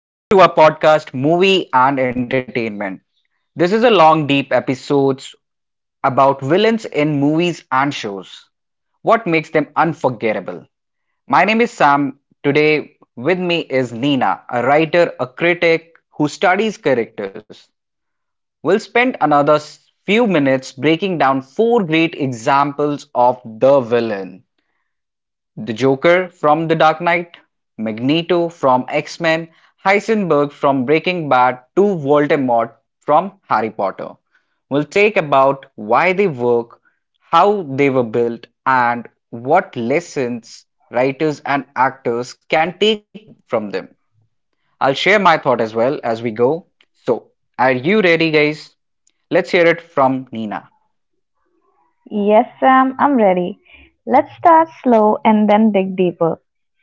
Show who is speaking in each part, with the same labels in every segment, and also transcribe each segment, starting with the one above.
Speaker 1: Welcome to our podcast, Movie and Entertainment. This is a long, deep episodes about villains in movies and shows. What makes them unforgettable? My name is Sam. Today with me is Nina, a writer, a critic who studies characters. We'll spend few minutes breaking down four great examples of the villain. The Joker from The Dark Knight, Magneto from X Men, Heisenberg from Breaking Bad, to Voldemort from Harry Potter. We'll take about why they work, how they were built, and what lessons writers and actors can take from them. I'll share my thought as well as we go. So, are you ready, guys? Let's hear it from Nina.
Speaker 2: Yes, Sam, I'm ready. Let's start slow and then dig deeper.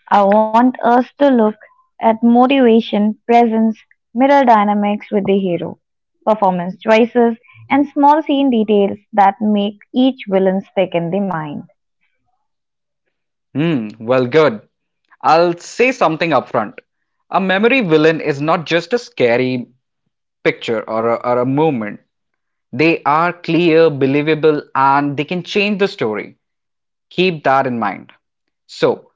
Speaker 2: I want us to look at motivation, presence, mirror dynamics with the hero, performance choices, and small scene details that make each villain stick in the mind.
Speaker 1: Well, good. I'll say something upfront. A memory villain is not just a scary picture or a moment. They are clear, believable, and they can change the story. Keep that in mind. So,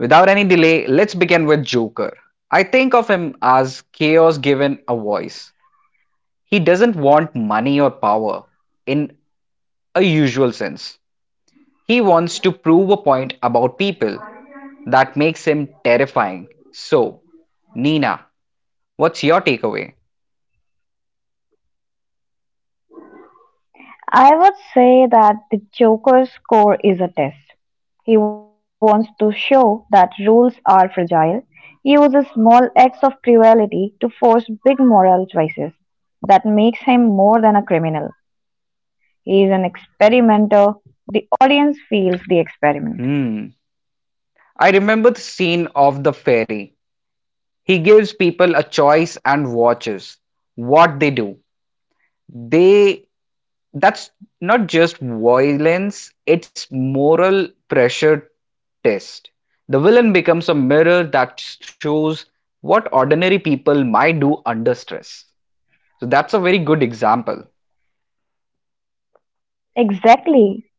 Speaker 1: without any delay, let's begin with Joker. I think of him as chaos given a voice. He doesn't want money or power in usual sense. He wants to prove a point about people that makes him terrifying. So, Nina, what's your takeaway?
Speaker 2: I would say that the Joker's score is a test. He wants to show that rules are fragile. He uses small acts of cruelty to force big moral choices. That makes him more than a criminal. He is an experimenter. The audience feels the experiment.
Speaker 1: Hmm. I remember the scene of the fairy. He gives people a choice and watches what they do. They that's not just violence, it's moral pressure test. The villain becomes a mirror that shows what ordinary people might do under stress. So that's a very good example.
Speaker 2: Exactly.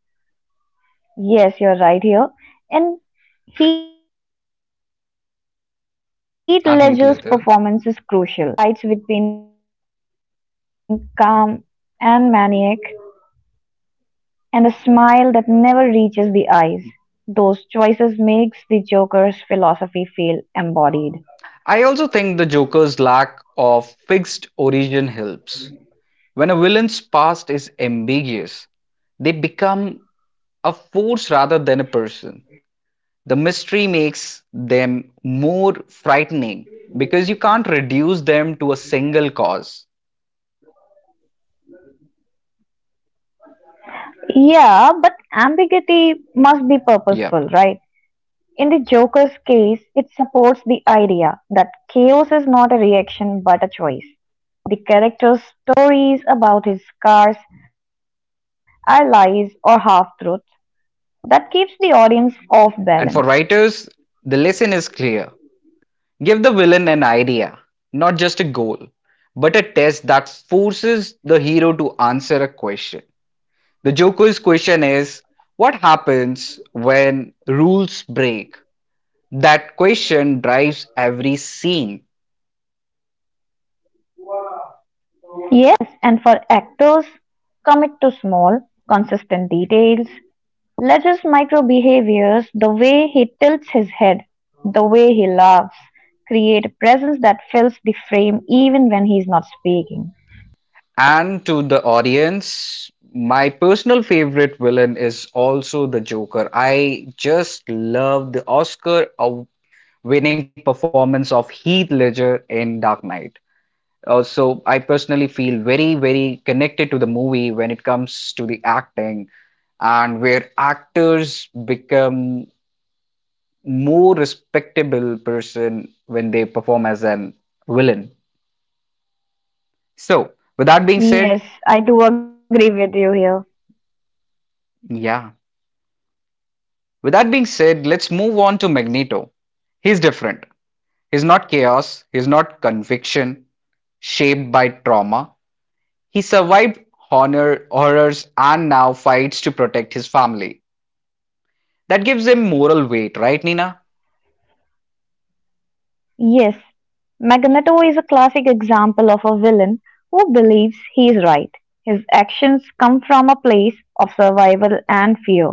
Speaker 2: Yes, you're right here. And Heath Ledger's performance is crucial. He
Speaker 1: And
Speaker 2: uses
Speaker 1: Heath Ledger.
Speaker 2: small physical tics, a voice that slides between calm and maniac, and a smile that never reaches the eyes. Those choices makes the Joker's philosophy feel embodied.
Speaker 1: I also think the Joker's lack of fixed origin helps. When a villain's past is ambiguous, they become a force rather than a person. The mystery makes them more frightening because you can't reduce them to a single cause.
Speaker 2: Yeah, but ambiguity must be
Speaker 1: Yeah.
Speaker 2: purposeful, right? In the Joker's case, it supports the idea that chaos is not a reaction but a choice. The character's stories about his scars are lies or half-truths that keeps the audience off
Speaker 1: And
Speaker 2: balance.
Speaker 1: for writers, the lesson is clear, give the villain an idea, not just a goal, but a test that forces the hero to answer a question. The Joker's question is, what happens when rules break? That question drives every scene.
Speaker 2: Yes, and for actors, commit to small, consistent details. Ledger's micro behaviors, the way he tilts his head, the way he laughs, create a presence that fills the frame even when he's not speaking.
Speaker 1: And to the audience, my personal favorite villain is also the Joker. I just love the winning performance of Heath Ledger in Dark Knight. So I personally feel very, very connected to the movie when it comes to the acting and where actors become more respectable person when they perform as an villain. So, with that being said,
Speaker 2: Yes, I do agree with you here.
Speaker 1: yeah, with that being said, let's move on to Magneto. He's different. He's not chaos, he's not conviction shaped by trauma. He survived honor, horrors and now fights to protect his family. That gives him moral weight, right, Nina?
Speaker 2: Yes, Magneto is a classic example of a villain who believes he is right. His actions come from a place of survival and fear.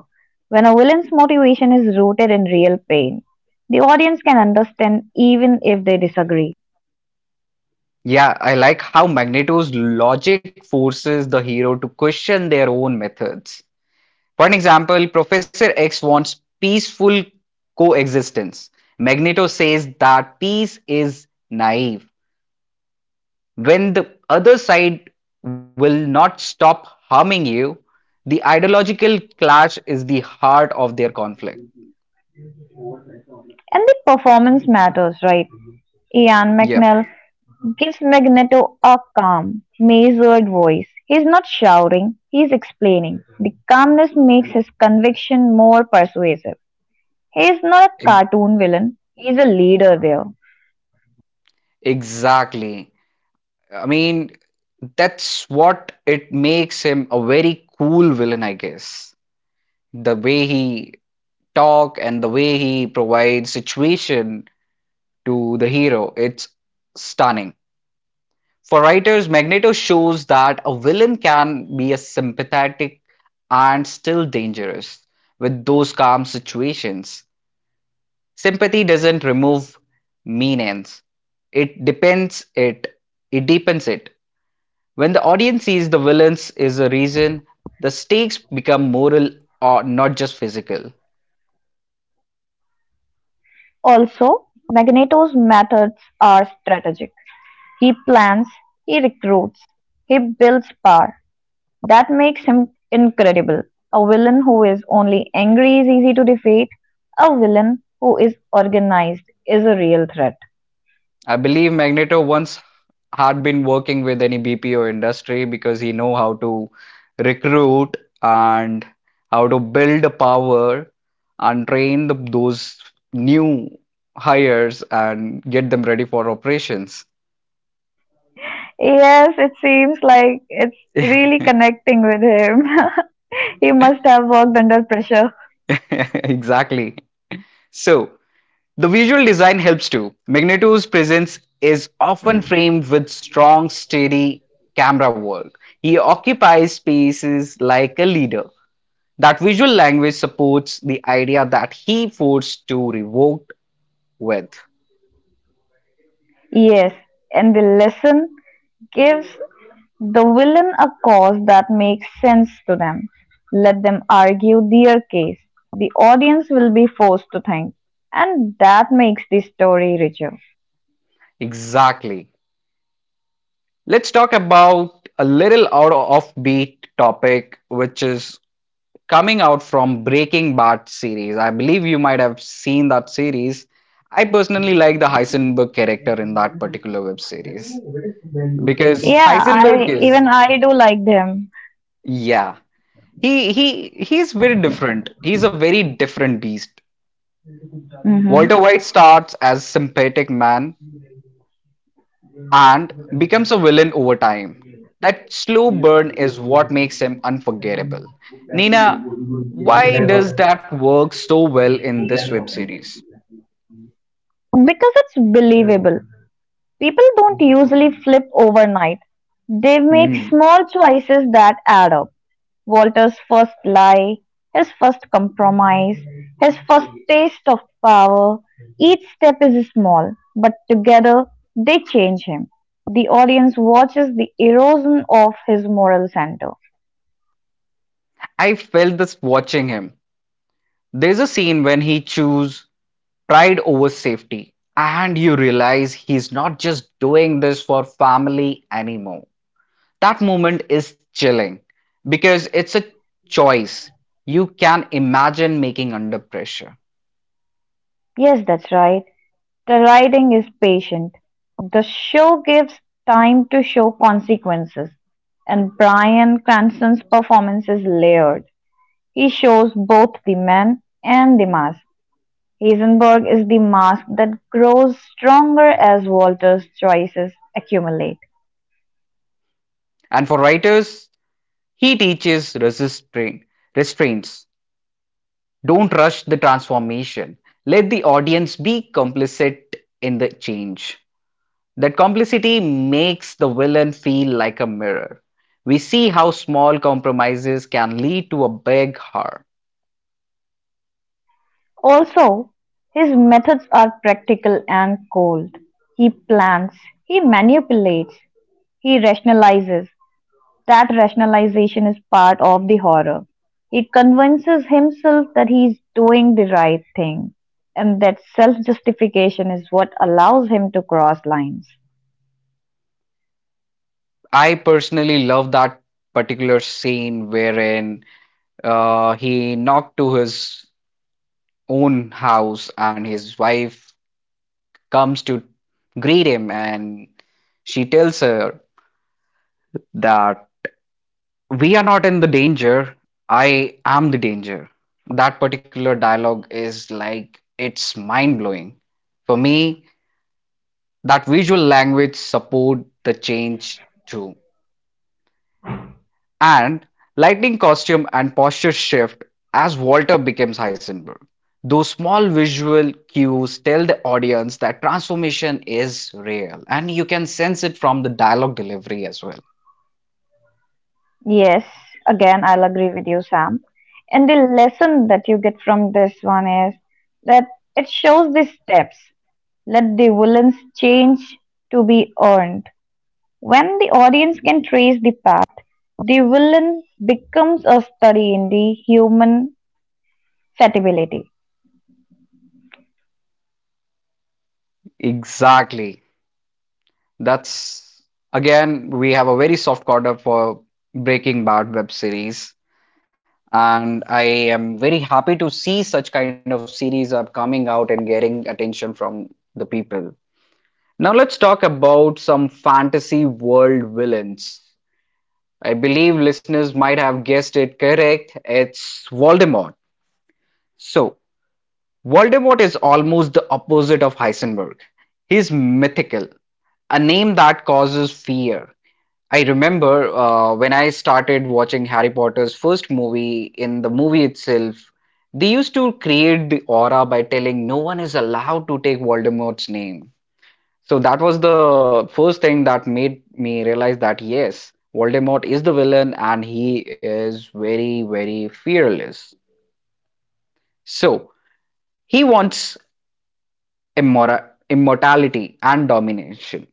Speaker 2: When a villain's motivation is rooted in real pain, the audience can understand even if they disagree.
Speaker 1: Yeah, I like how Magneto's logic forces the hero to question their own methods. For an example, Professor X wants peaceful coexistence. Magneto says that peace is naive. When the other side will not stop harming you, the ideological clash is the heart of their conflict.
Speaker 2: And the performance matters, right? Ian
Speaker 1: Yep,
Speaker 2: McNell gives Magneto a calm, measured voice. He is not shouting, he is explaining. The calmness makes his conviction more persuasive. He's not a
Speaker 1: e-
Speaker 2: cartoon villain, he's a leader there.
Speaker 1: exactly. I mean, that's what it makes him a very cool villain, I guess. The way he talk and the way he provides situation to the hero. It's stunning. For writers, Magneto shows that a villain can be a sympathetic and still dangerous with those calm situations. Sympathy doesn't remove mean ends. It depends it. It deepens it. When the audience sees the villains is a reason, the stakes become moral or not just physical.
Speaker 2: Also, Magneto's methods are strategic. He plans, he recruits, he builds power. That makes him incredible. A villain who is only angry is easy to defeat. A villain who is organized is a real threat.
Speaker 1: I believe Magneto once had been working with any BPO industry because he know how to recruit and how to build power and train those new hires and get them ready for operations.
Speaker 2: Yes, it seems like it's really connecting with him. He must have worked under pressure.
Speaker 1: exactly. So the visual design helps too. Magneto's presence is often framed with strong, steady camera work. He occupies spaces like a leader. That visual language supports the idea that he forced to revoke with.
Speaker 2: Yes, and the lesson gives the villain a cause that makes sense to them. Let them argue their case. The audience will be forced to think, and that makes the story richer.
Speaker 1: Exactly. Let's talk about a little out of beat topic, which is coming out from Breaking Bad series. I believe you might have seen that series. I personally like the Heisenberg character in that particular web series because
Speaker 2: Yeah,
Speaker 1: Heisenberg
Speaker 2: I
Speaker 1: is,
Speaker 2: even I do like them.
Speaker 1: yeah, he's very different. He's a very different beast.
Speaker 2: hmm
Speaker 1: Walter White starts as sympathetic man and becomes a villain over time. That slow burn is what makes him unforgettable. Nina, why does that work so well in this web series?
Speaker 2: Because it's believable. People don't usually flip overnight. They make
Speaker 1: Hmm.
Speaker 2: small choices that add up. Walter's first lie, his first compromise, his first taste of power. Each step is small, but together they change him. The audience watches the erosion of his moral center.
Speaker 1: I felt this watching him. There's a scene when he chooses pride over safety, and you realize he's not just doing this for family anymore. That moment is chilling because it's a choice you can imagine making under pressure.
Speaker 2: Yes, that's right. The writing is patient. The show gives time to show consequences, and Bryan Cranston's performance is layered. He shows both the man and the mask. Heisenberg is the mask that grows stronger as Walter's choices accumulate.
Speaker 1: And for writers, he teaches restraints. Don't rush the transformation. Let the audience be complicit in the change. That complicity makes the villain feel like a mirror. We see how small compromises can lead to a big harm.
Speaker 2: Also, his methods are practical and cold. He plans, he manipulates, he rationalizes. That rationalization is part of the horror. He convinces himself that he is doing the right thing, and that self justification is what allows him to cross lines.
Speaker 1: I personally love that particular scene wherein he knocked to his own house and his wife comes to greet him and she tells her that we are not in the danger, I am the danger. That particular dialogue is like it's mind blowing for me. That visual language support the change too, and lightning costume and posture shift as Walter becomes Heisenberg. Those small visual cues tell the audience that transformation is real and you can sense it from the dialogue delivery as well.
Speaker 2: Yes, again, I'll agree with you, Sam. And the lesson that you get from this one is that it shows the steps. Let the villains change to be earned. When the audience can trace the path, the villain becomes a study in the human fatibility.
Speaker 1: Exactly. That's, again, we have a very soft corner for Breaking Bad web series, and I am very happy to see such kind of series are coming out and getting attention from the people. Now let's talk about some fantasy world villains. I believe listeners might have guessed it correct. It's Voldemort. So, Voldemort is almost the opposite of Heisenberg. He's mythical, a name that causes fear. I remember when I started watching Harry Potter's first movie, in the movie itself, they used to create the aura by telling no one is allowed to take Voldemort's name. So that was the first thing that made me realize that yes, Voldemort is the villain and he is very, very fearless. So he wants immortality and domination.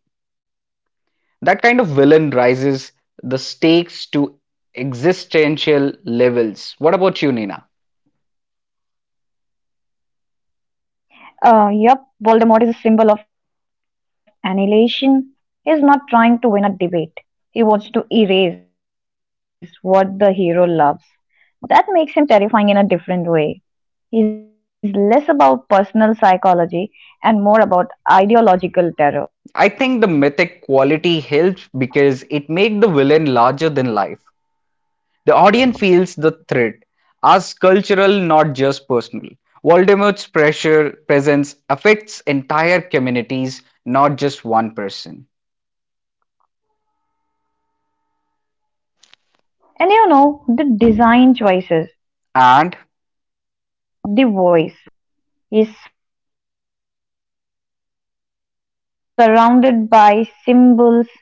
Speaker 1: That kind of villain rises the stakes to existential levels. What about you, Nina?
Speaker 2: Uh, yep, Voldemort is a symbol of annihilation. He's not trying to win a debate. He wants to erase what the hero loves. That makes him terrifying in a different way. He's less about personal psychology and more about ideological
Speaker 1: I think the
Speaker 2: terror.
Speaker 1: mythic quality helps because it makes the villain larger than life. The audience feels the threat as cultural, not just personal. Voldemort's pressure presence affects entire communities, not just one person.
Speaker 2: And you know, the design choices,
Speaker 1: And
Speaker 2: the voice, the look, the rituals all build that myth. He's surrounded by symbols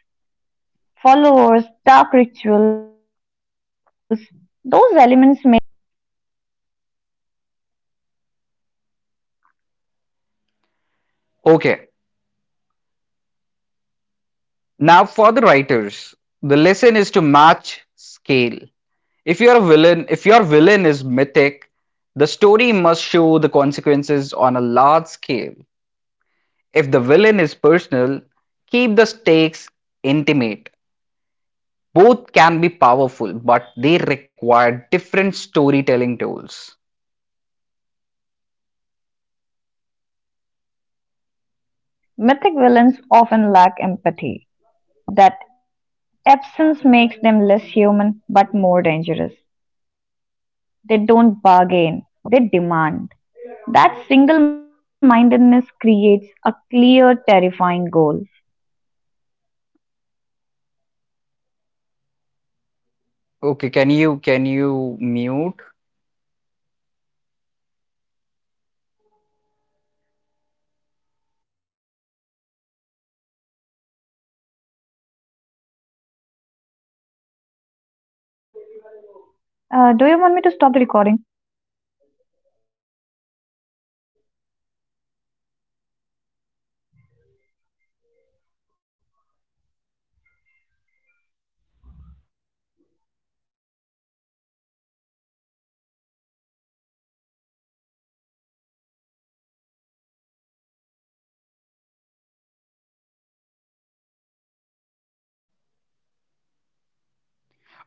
Speaker 2: followers, dark rituals, those elements make him feel like a force of nature, right?
Speaker 1: okay, Now for the writers, the lesson is to match scale. If your villain is mythic, the story must show the consequences on a large scale. If the villain is personal, keep the stakes intimate. Both can be powerful, but they require different storytelling tools.
Speaker 2: Also, mythic villains often lack empathy. That absence makes them less human but more dangerous. They don't bargain, they demand. That single mindedness creates a clear, terrifying goal.
Speaker 1: Okay, can you mute?
Speaker 2: Do you want me to stop the recording?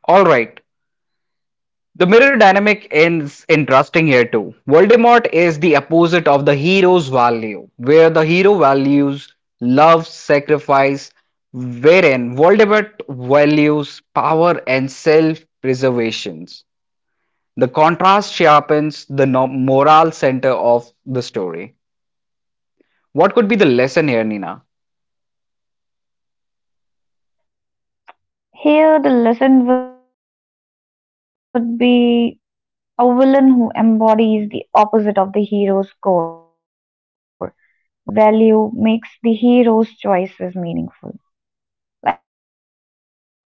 Speaker 1: Alright, the mirror dynamic is interesting here too. Voldemort is the opposite of the hero's value, where the hero values love, sacrifice, wherein Voldemort values power and self preservations. The contrast sharpens the moral center of the story. What could be the lesson here, Nina?
Speaker 2: Here, the lesson would be a villain who embodies the opposite of the hero's core value makes the hero's choices meaningful.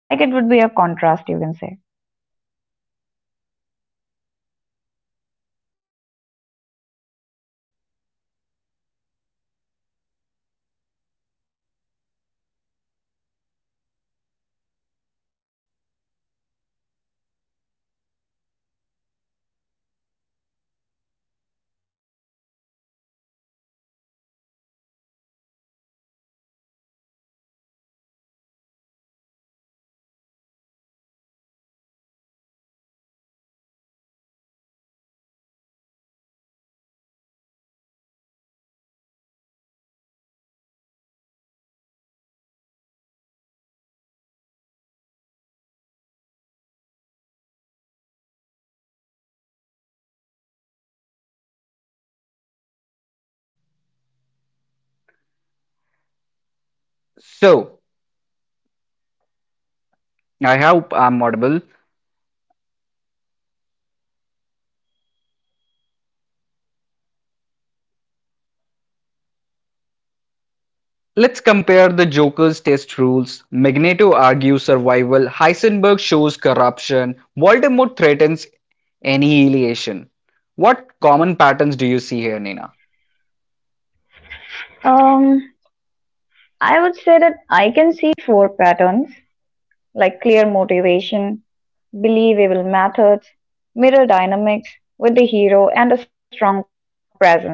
Speaker 2: Like it would be a contrast, you can say.
Speaker 1: So, I hope I'm audible.
Speaker 2: Yes, you are.
Speaker 1: Let's compare the Joker's test rules. Magneto argues survival, Heisenberg shows corruption, Voldemort threatens annihilation. What common patterns do you see here, Nina?
Speaker 2: Um, I would say that I can see four patterns like clear motivation, believable methods, mirror dynamics with the hero, and a strong presence.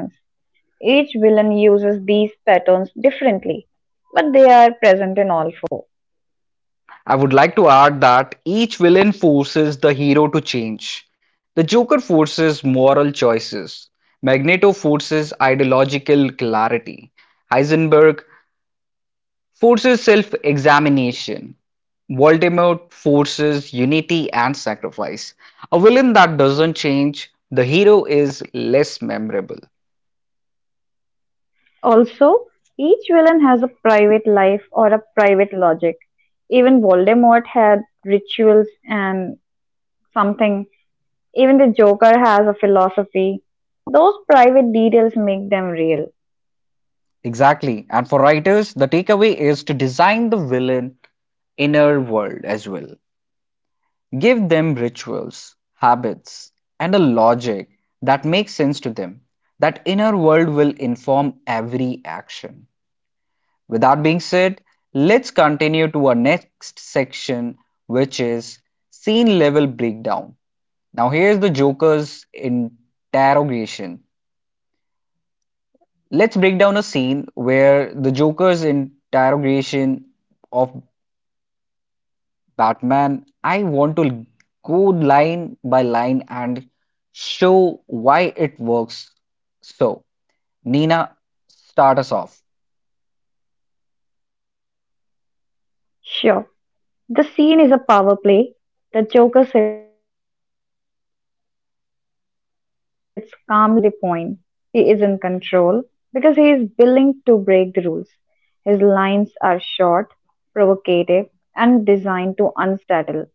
Speaker 2: Each villain uses these patterns differently, but they are present in all four.
Speaker 1: I would like to add that each villain forces the hero to change. The Joker forces moral choices, Magneto forces ideological clarity, Heisenberg forces self examination. Voldemort forces unity and sacrifice. A villain that doesn't change, the hero is less memorable.
Speaker 2: Also, each villain has a private life or a private logic. Even Voldemort had rituals and something. Even the Joker has a philosophy. Those private details make them real.
Speaker 1: Exactly. And for writers, the takeaway is to design the villain inner world as well. Give them rituals, habits, and a logic that makes sense to them. That inner world will inform every action. With that being said, let's continue to our next section, which is scene level breakdown. Now, here's the Joker's interrogation. Let's break down a scene where the Joker's interrogation of Batman. I want to go line by line and show why it works. So, Nina, start us off.
Speaker 2: Sure, the scene is a power play. The Joker sits calmly while Batman rages. The Joker's calmness is the point. He is in control because he is willing to break the rules. His lines are short, provocative, and designed to unsettle.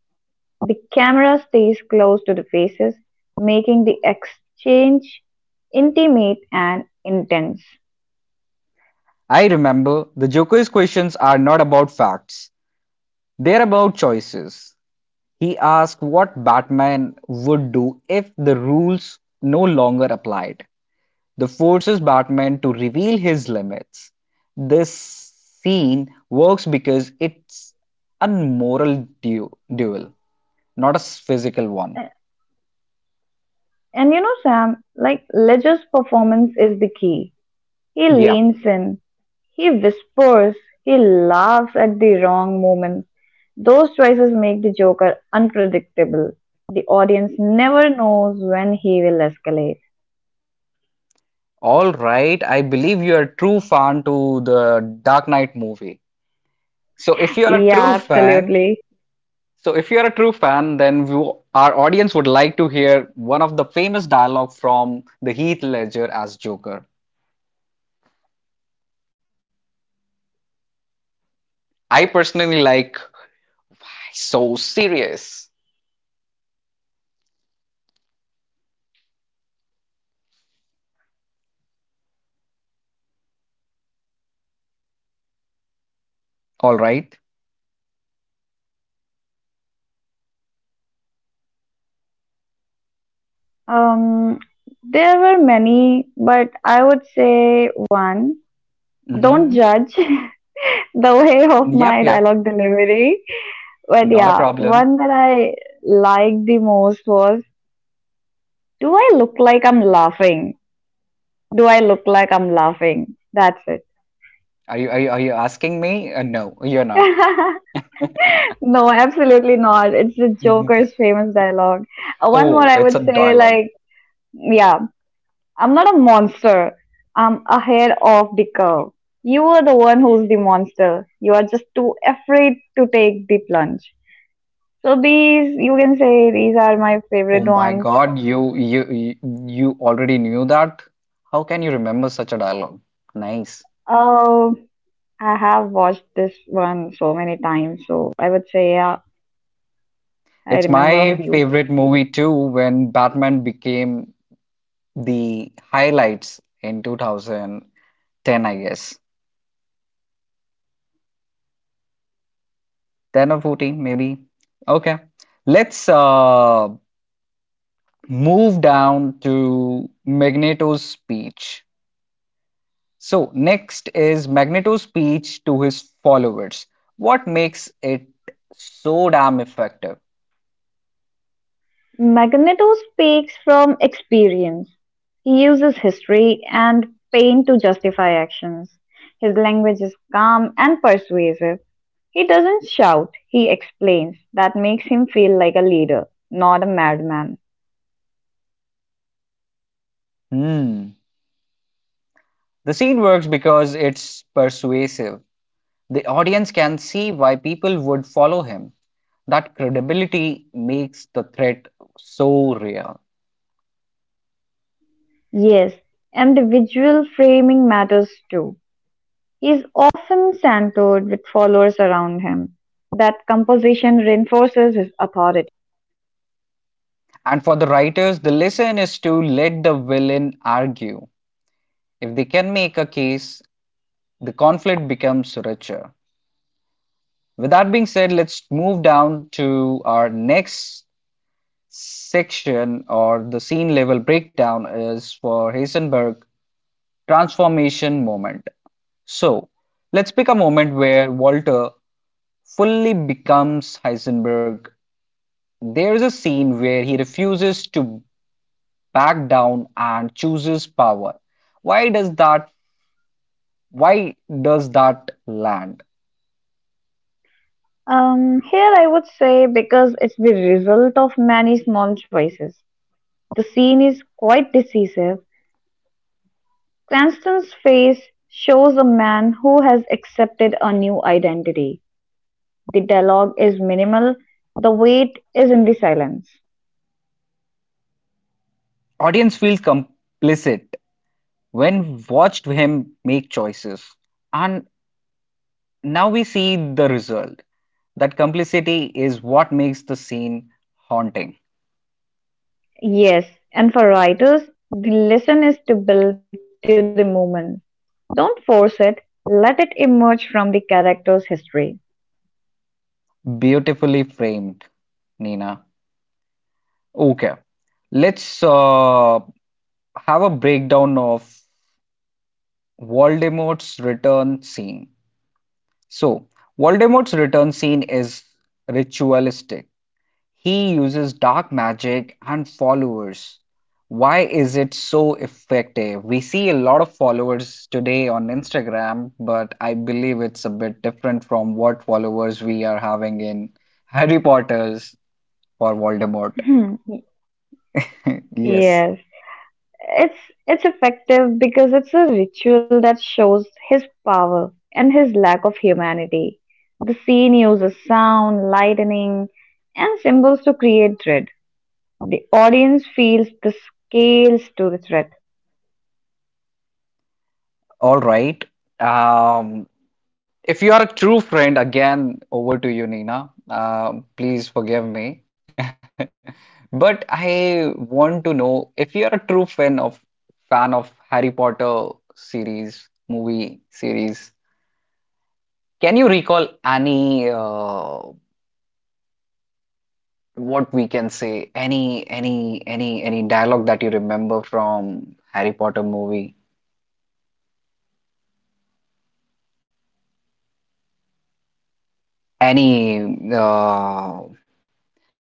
Speaker 2: The camera stays close to the faces, making the exchange intimate and intense.
Speaker 1: I remember the Joker's questions are not about facts. They're about choices. He asked what Batman would do if the rules no longer applied. The forces Batman to reveal his limits. This scene works because it's a moral duel, not a physical one.
Speaker 2: A- And you know, Sam, like Ledger's performance is the key. He
Speaker 1: Yep.
Speaker 2: leans in, he whispers, he laughs at the wrong moment. Those choices make the Joker unpredictable. The audience never knows when he will escalate.
Speaker 1: All right. I believe you're a true fan to the Dark Knight movie. So if you're a
Speaker 2: Yeah,
Speaker 1: true fan,
Speaker 2: absolutely.
Speaker 1: so, if you're a true fan, then we, our audience would like to hear one of the famous dialogue from the Heath Ledger as Joker. I personally like so serious. All right.
Speaker 2: Um, there were many, but I would say one.
Speaker 1: Mm-hmm.
Speaker 2: Don't judge the way of
Speaker 1: Yep,
Speaker 2: my
Speaker 1: yep.
Speaker 2: dialogue delivery. But
Speaker 1: Not a
Speaker 2: yeah,
Speaker 1: problem.
Speaker 2: one that I liked the most was, do I look like I'm laughing? Do I look like I'm laughing? That's it.
Speaker 1: Are you asking me? No, you're not.
Speaker 2: No, absolutely not. It's the
Speaker 1: Mhm.
Speaker 2: Joker's famous dialogue. One
Speaker 1: Oh,
Speaker 2: more I
Speaker 1: it's a
Speaker 2: would say,
Speaker 1: dialogue.
Speaker 2: like, yeah, I'm not a monster. I'm ahead of the curve. You are the one who's the monster. You are just too afraid to take the plunge. So these, you can say, these are my
Speaker 1: Oh
Speaker 2: favorite
Speaker 1: my
Speaker 2: ones.
Speaker 1: God, you already knew that? How can you remember such a dialogue? Nice.
Speaker 2: Oh, I have watched this one so many times, so I would say, yeah, I
Speaker 1: It's
Speaker 2: remember a
Speaker 1: my
Speaker 2: few.
Speaker 1: favorite movie too when Batman became the highlights in 2010, I guess. 10 or 14, maybe. Okay. Let's move down to Magneto's speech. So, next is Magneto's speech to his followers. What makes it so damn effective?
Speaker 2: Magneto speaks from experience. He uses history and pain to justify actions. His language is calm and persuasive. He doesn't shout, he explains. That makes him feel like a leader, not a madman.
Speaker 1: Hmm. The scene works because it's persuasive. The audience can see why people would follow him. That credibility makes the threat so real.
Speaker 2: Yes, individual framing matters too. He is often centered with followers around him. That composition reinforces his authority.
Speaker 1: And for the writers, the lesson is to let the villain argue. If they can make a case, the conflict becomes richer. With that being said, let's move down to our next section or the scene level breakdown is for Heisenberg transformation moment. So let's pick a moment where Walter fully becomes Heisenberg. There is a scene where he refuses to back down and chooses power. Why does that Why does that land?
Speaker 2: Here I would say because it's the result of many small choices. The scene is quite decisive. Cranston's face shows a man who has accepted a new identity. The dialogue is minimal, the weight is in the silence.
Speaker 1: Audience feels complicit when watched him make choices. And now we see the result. That complicity is what makes the scene haunting.
Speaker 2: Yes, and for writers, the lesson is to build to the moment. Don't force it, let it emerge from the character's history.
Speaker 1: Beautifully framed, Nina. Okay. Let's have a breakdown of Voldemort's return scene. So, Voldemort's return scene is ritualistic. He uses dark magic and followers. Why is it so effective? We see a lot of followers today on Instagram, but I believe it's a bit different from what followers we are having in Harry Potter's for Voldemort.
Speaker 2: Hmm,
Speaker 1: Yes.
Speaker 2: yes. It's it's effective because it's a ritual that shows his power and his lack of humanity. The scene uses sound, lightning, and symbols to create dread. The audience feels the scales to the threat.
Speaker 1: All right. Um, If you are a true friend, again, over to you, Nina. Please forgive me. But I want to know if you are a true fan of Harry Potter series, movie series, can you recall any what we can say, any dialogue that you remember from Harry Potter movie? Any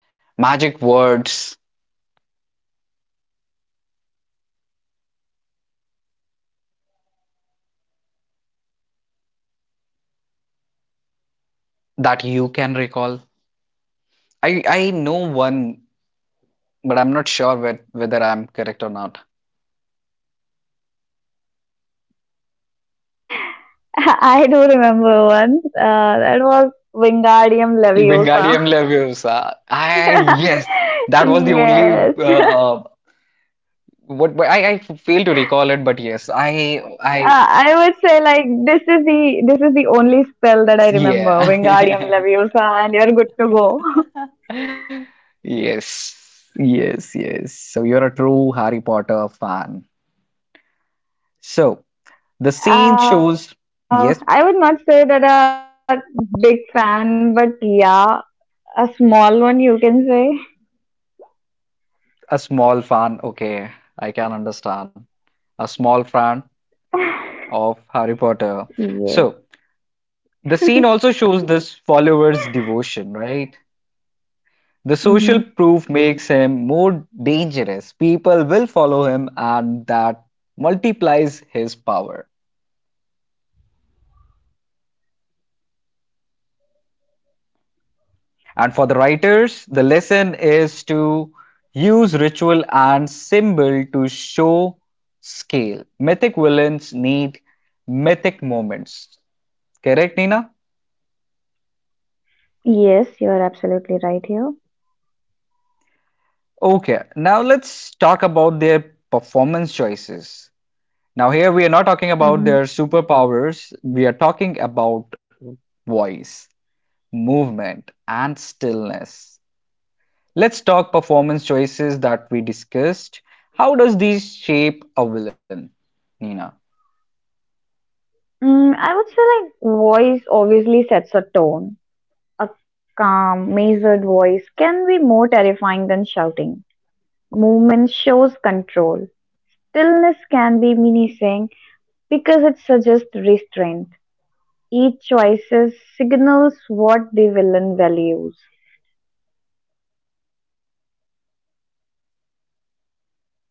Speaker 1: magic words that you can recall? I know one but I'm not sure whether I'm correct or not.
Speaker 2: I do remember one. That was Wingardium Leviosa.
Speaker 1: Wingardium Leviosa. I yes, that was the only
Speaker 2: Yes.
Speaker 1: uh, what- I fail to recall it, but yes,
Speaker 2: I
Speaker 1: I
Speaker 2: would say like this is the only spell that I remember. Wingardium
Speaker 1: yeah.
Speaker 2: Leviosa, and you're good to go.
Speaker 1: Yes, yes, yes. So you're a true Harry Potter fan. So the scene shows, yes,
Speaker 2: I would not say that a big fan, but yeah, a small one you can say.
Speaker 1: a small fan. Okay, I can understand. A small fan of
Speaker 2: Yes.
Speaker 1: Harry Potter. So the scene also shows
Speaker 2: Yes.
Speaker 1: this follower's devotion, right? The social proof makes
Speaker 2: Mm-hmm.
Speaker 1: him more dangerous. People will follow him, and that multiplies his power. And for the writers, the lesson is to use ritual and symbol to show scale. Mythic villains need mythic moments. Correct, Nina?
Speaker 2: Yes, you are absolutely right here.
Speaker 1: Okay, now let's talk about their performance choices. Now, here we are not talking about their
Speaker 2: Mm-hmm.
Speaker 1: superpowers, we are talking about voice, movement, and stillness. Let's talk performance choices that we discussed. How does these shape a villain, Nina?
Speaker 2: Mm, I would say like voice obviously sets a tone. A calm, measured voice can be more terrifying than shouting. Movement shows control. Stillness can be menacing because it suggests restraint. Each choice signals what the villain values.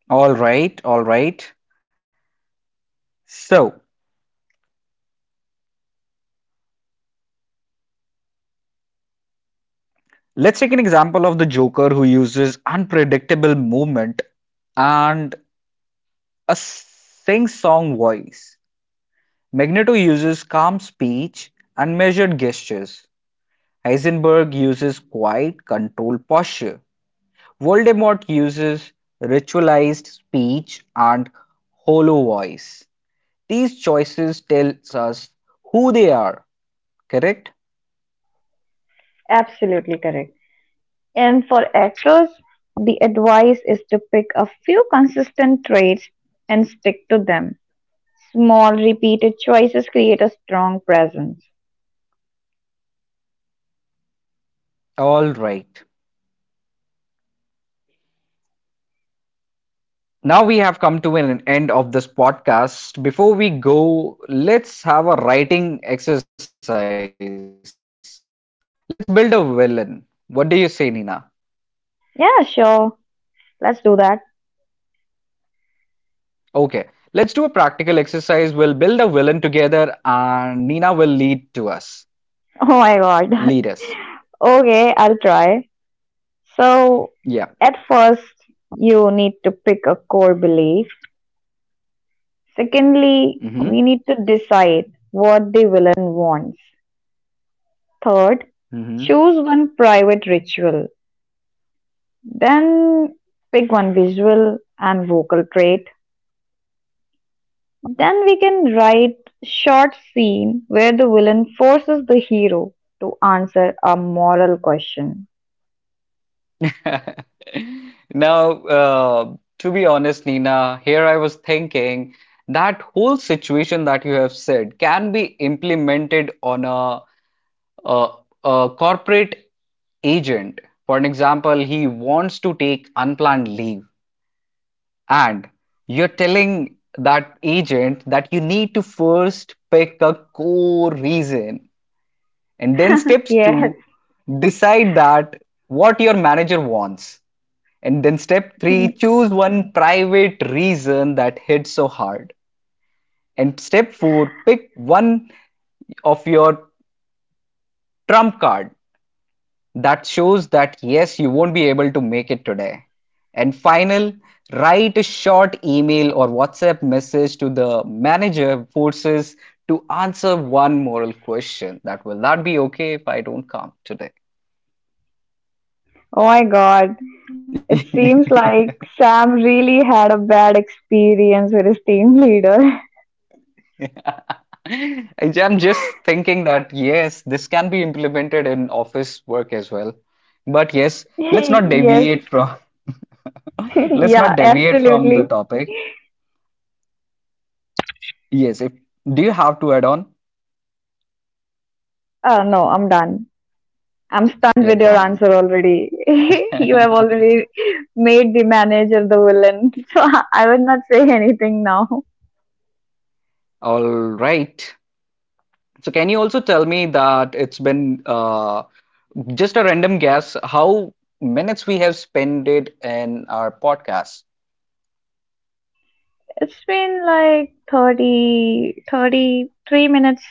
Speaker 1: All right, all right. So, let's take an example of the Joker who uses unpredictable movement and a sing song voice. Magneto uses calm speech and measured gestures. Heisenberg uses quiet, controlled posture. Voldemort uses ritualized speech and hollow voice. These choices tells us who they are, correct?
Speaker 2: Absolutely correct. And for actors, the advice is to pick a few consistent traits and stick to them. Small, repeated choices create a strong presence.
Speaker 1: All right. Now we have come to an end of this podcast. Before we go, let's have a writing exercise. Let's build a villain. What do you say, Nina?
Speaker 2: Yeah, sure. Let's do that.
Speaker 1: Okay. Let's do a practical exercise. We'll build a villain together and Nina will lead to us.
Speaker 2: Oh my god.
Speaker 1: Leaders,
Speaker 2: Okay, I'll try. So, at
Speaker 1: yeah.
Speaker 2: first, you need to pick a core belief. Secondly, we need to
Speaker 1: Hmm.
Speaker 2: decide what the villain wants. Third,
Speaker 1: Mhm.
Speaker 2: choose one private ritual. Then pick one visual and vocal trait. Then we can write short scene where the villain forces the hero to answer a moral question.
Speaker 1: Now, to be honest, Nina, here I was thinking that whole situation that you have said can be implemented on a, a corporate agent. For an example, he wants to take unplanned leave, and you're telling that agent that you need to first pick a core reason, and then steps
Speaker 2: Yes.
Speaker 1: two decide that what your manager wants, and then step three
Speaker 2: Oh
Speaker 1: choose one private reason that hit so hard, and step four pick one of your trump card that shows that yes you won't be able to make it today, and final write a short email or whatsapp message to the manager forces to answer one moral question that will not be okay if I don't come today.
Speaker 2: my god. It seems like Sam really had a bad experience with his team leader.
Speaker 1: I- I'm just thinking that yes, this can be implemented in office work as well. But yes, let's not
Speaker 2: Yes.
Speaker 1: deviate from let's not
Speaker 2: Yeah,
Speaker 1: deviate from the
Speaker 2: absolutely.
Speaker 1: topic. Yes, if do you have to add on?
Speaker 2: No, I'm done. I'm stunned
Speaker 1: Yeah,
Speaker 2: with your
Speaker 1: damn.
Speaker 2: answer already. You have already made the manager the villain. So I would not say anything now.
Speaker 1: All right. So can you also tell me that it's been just a random guess how minutes we have spent it in our podcast?
Speaker 2: It's been like 30, 33 minutes.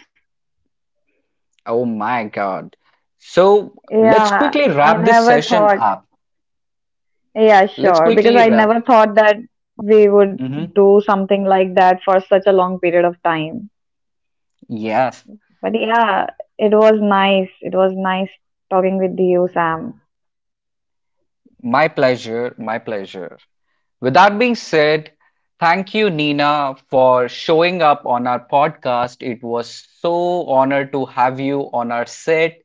Speaker 1: Oh my God. So let's
Speaker 2: Yeah,
Speaker 1: quickly
Speaker 2: I
Speaker 1: wrap this
Speaker 2: never
Speaker 1: session
Speaker 2: thought.
Speaker 1: up.
Speaker 2: Yeah,
Speaker 1: Let's
Speaker 2: sure. Because
Speaker 1: quickly
Speaker 2: I never
Speaker 1: wrap.
Speaker 2: thought that we would
Speaker 1: Hmm.
Speaker 2: do something like that for such a long period of time.
Speaker 1: Yes,
Speaker 2: But yeah, it was nice. It was nice talking with you, Sam.
Speaker 1: my pleasure, my pleasure. With that being said, thank you, Nina, for showing up on our podcast. It was so honored to have you on our set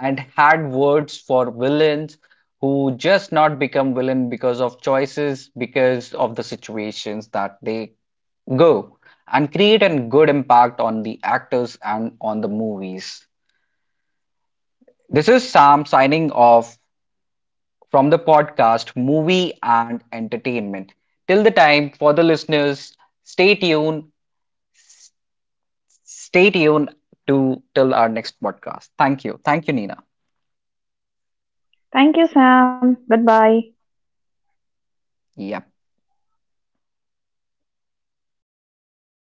Speaker 1: and had words for villains who just not become villain because of choices, because of the situations that they go and create a good impact on the actors and on the movies. This is Sam signing off from the podcast Movie and Entertainment. Till the time for the listeners, stay tuned. s- Stay tuned to till our next podcast. Thank you. Thank you, Nina.
Speaker 2: Thank you, Sam. Goodbye.
Speaker 1: Yep.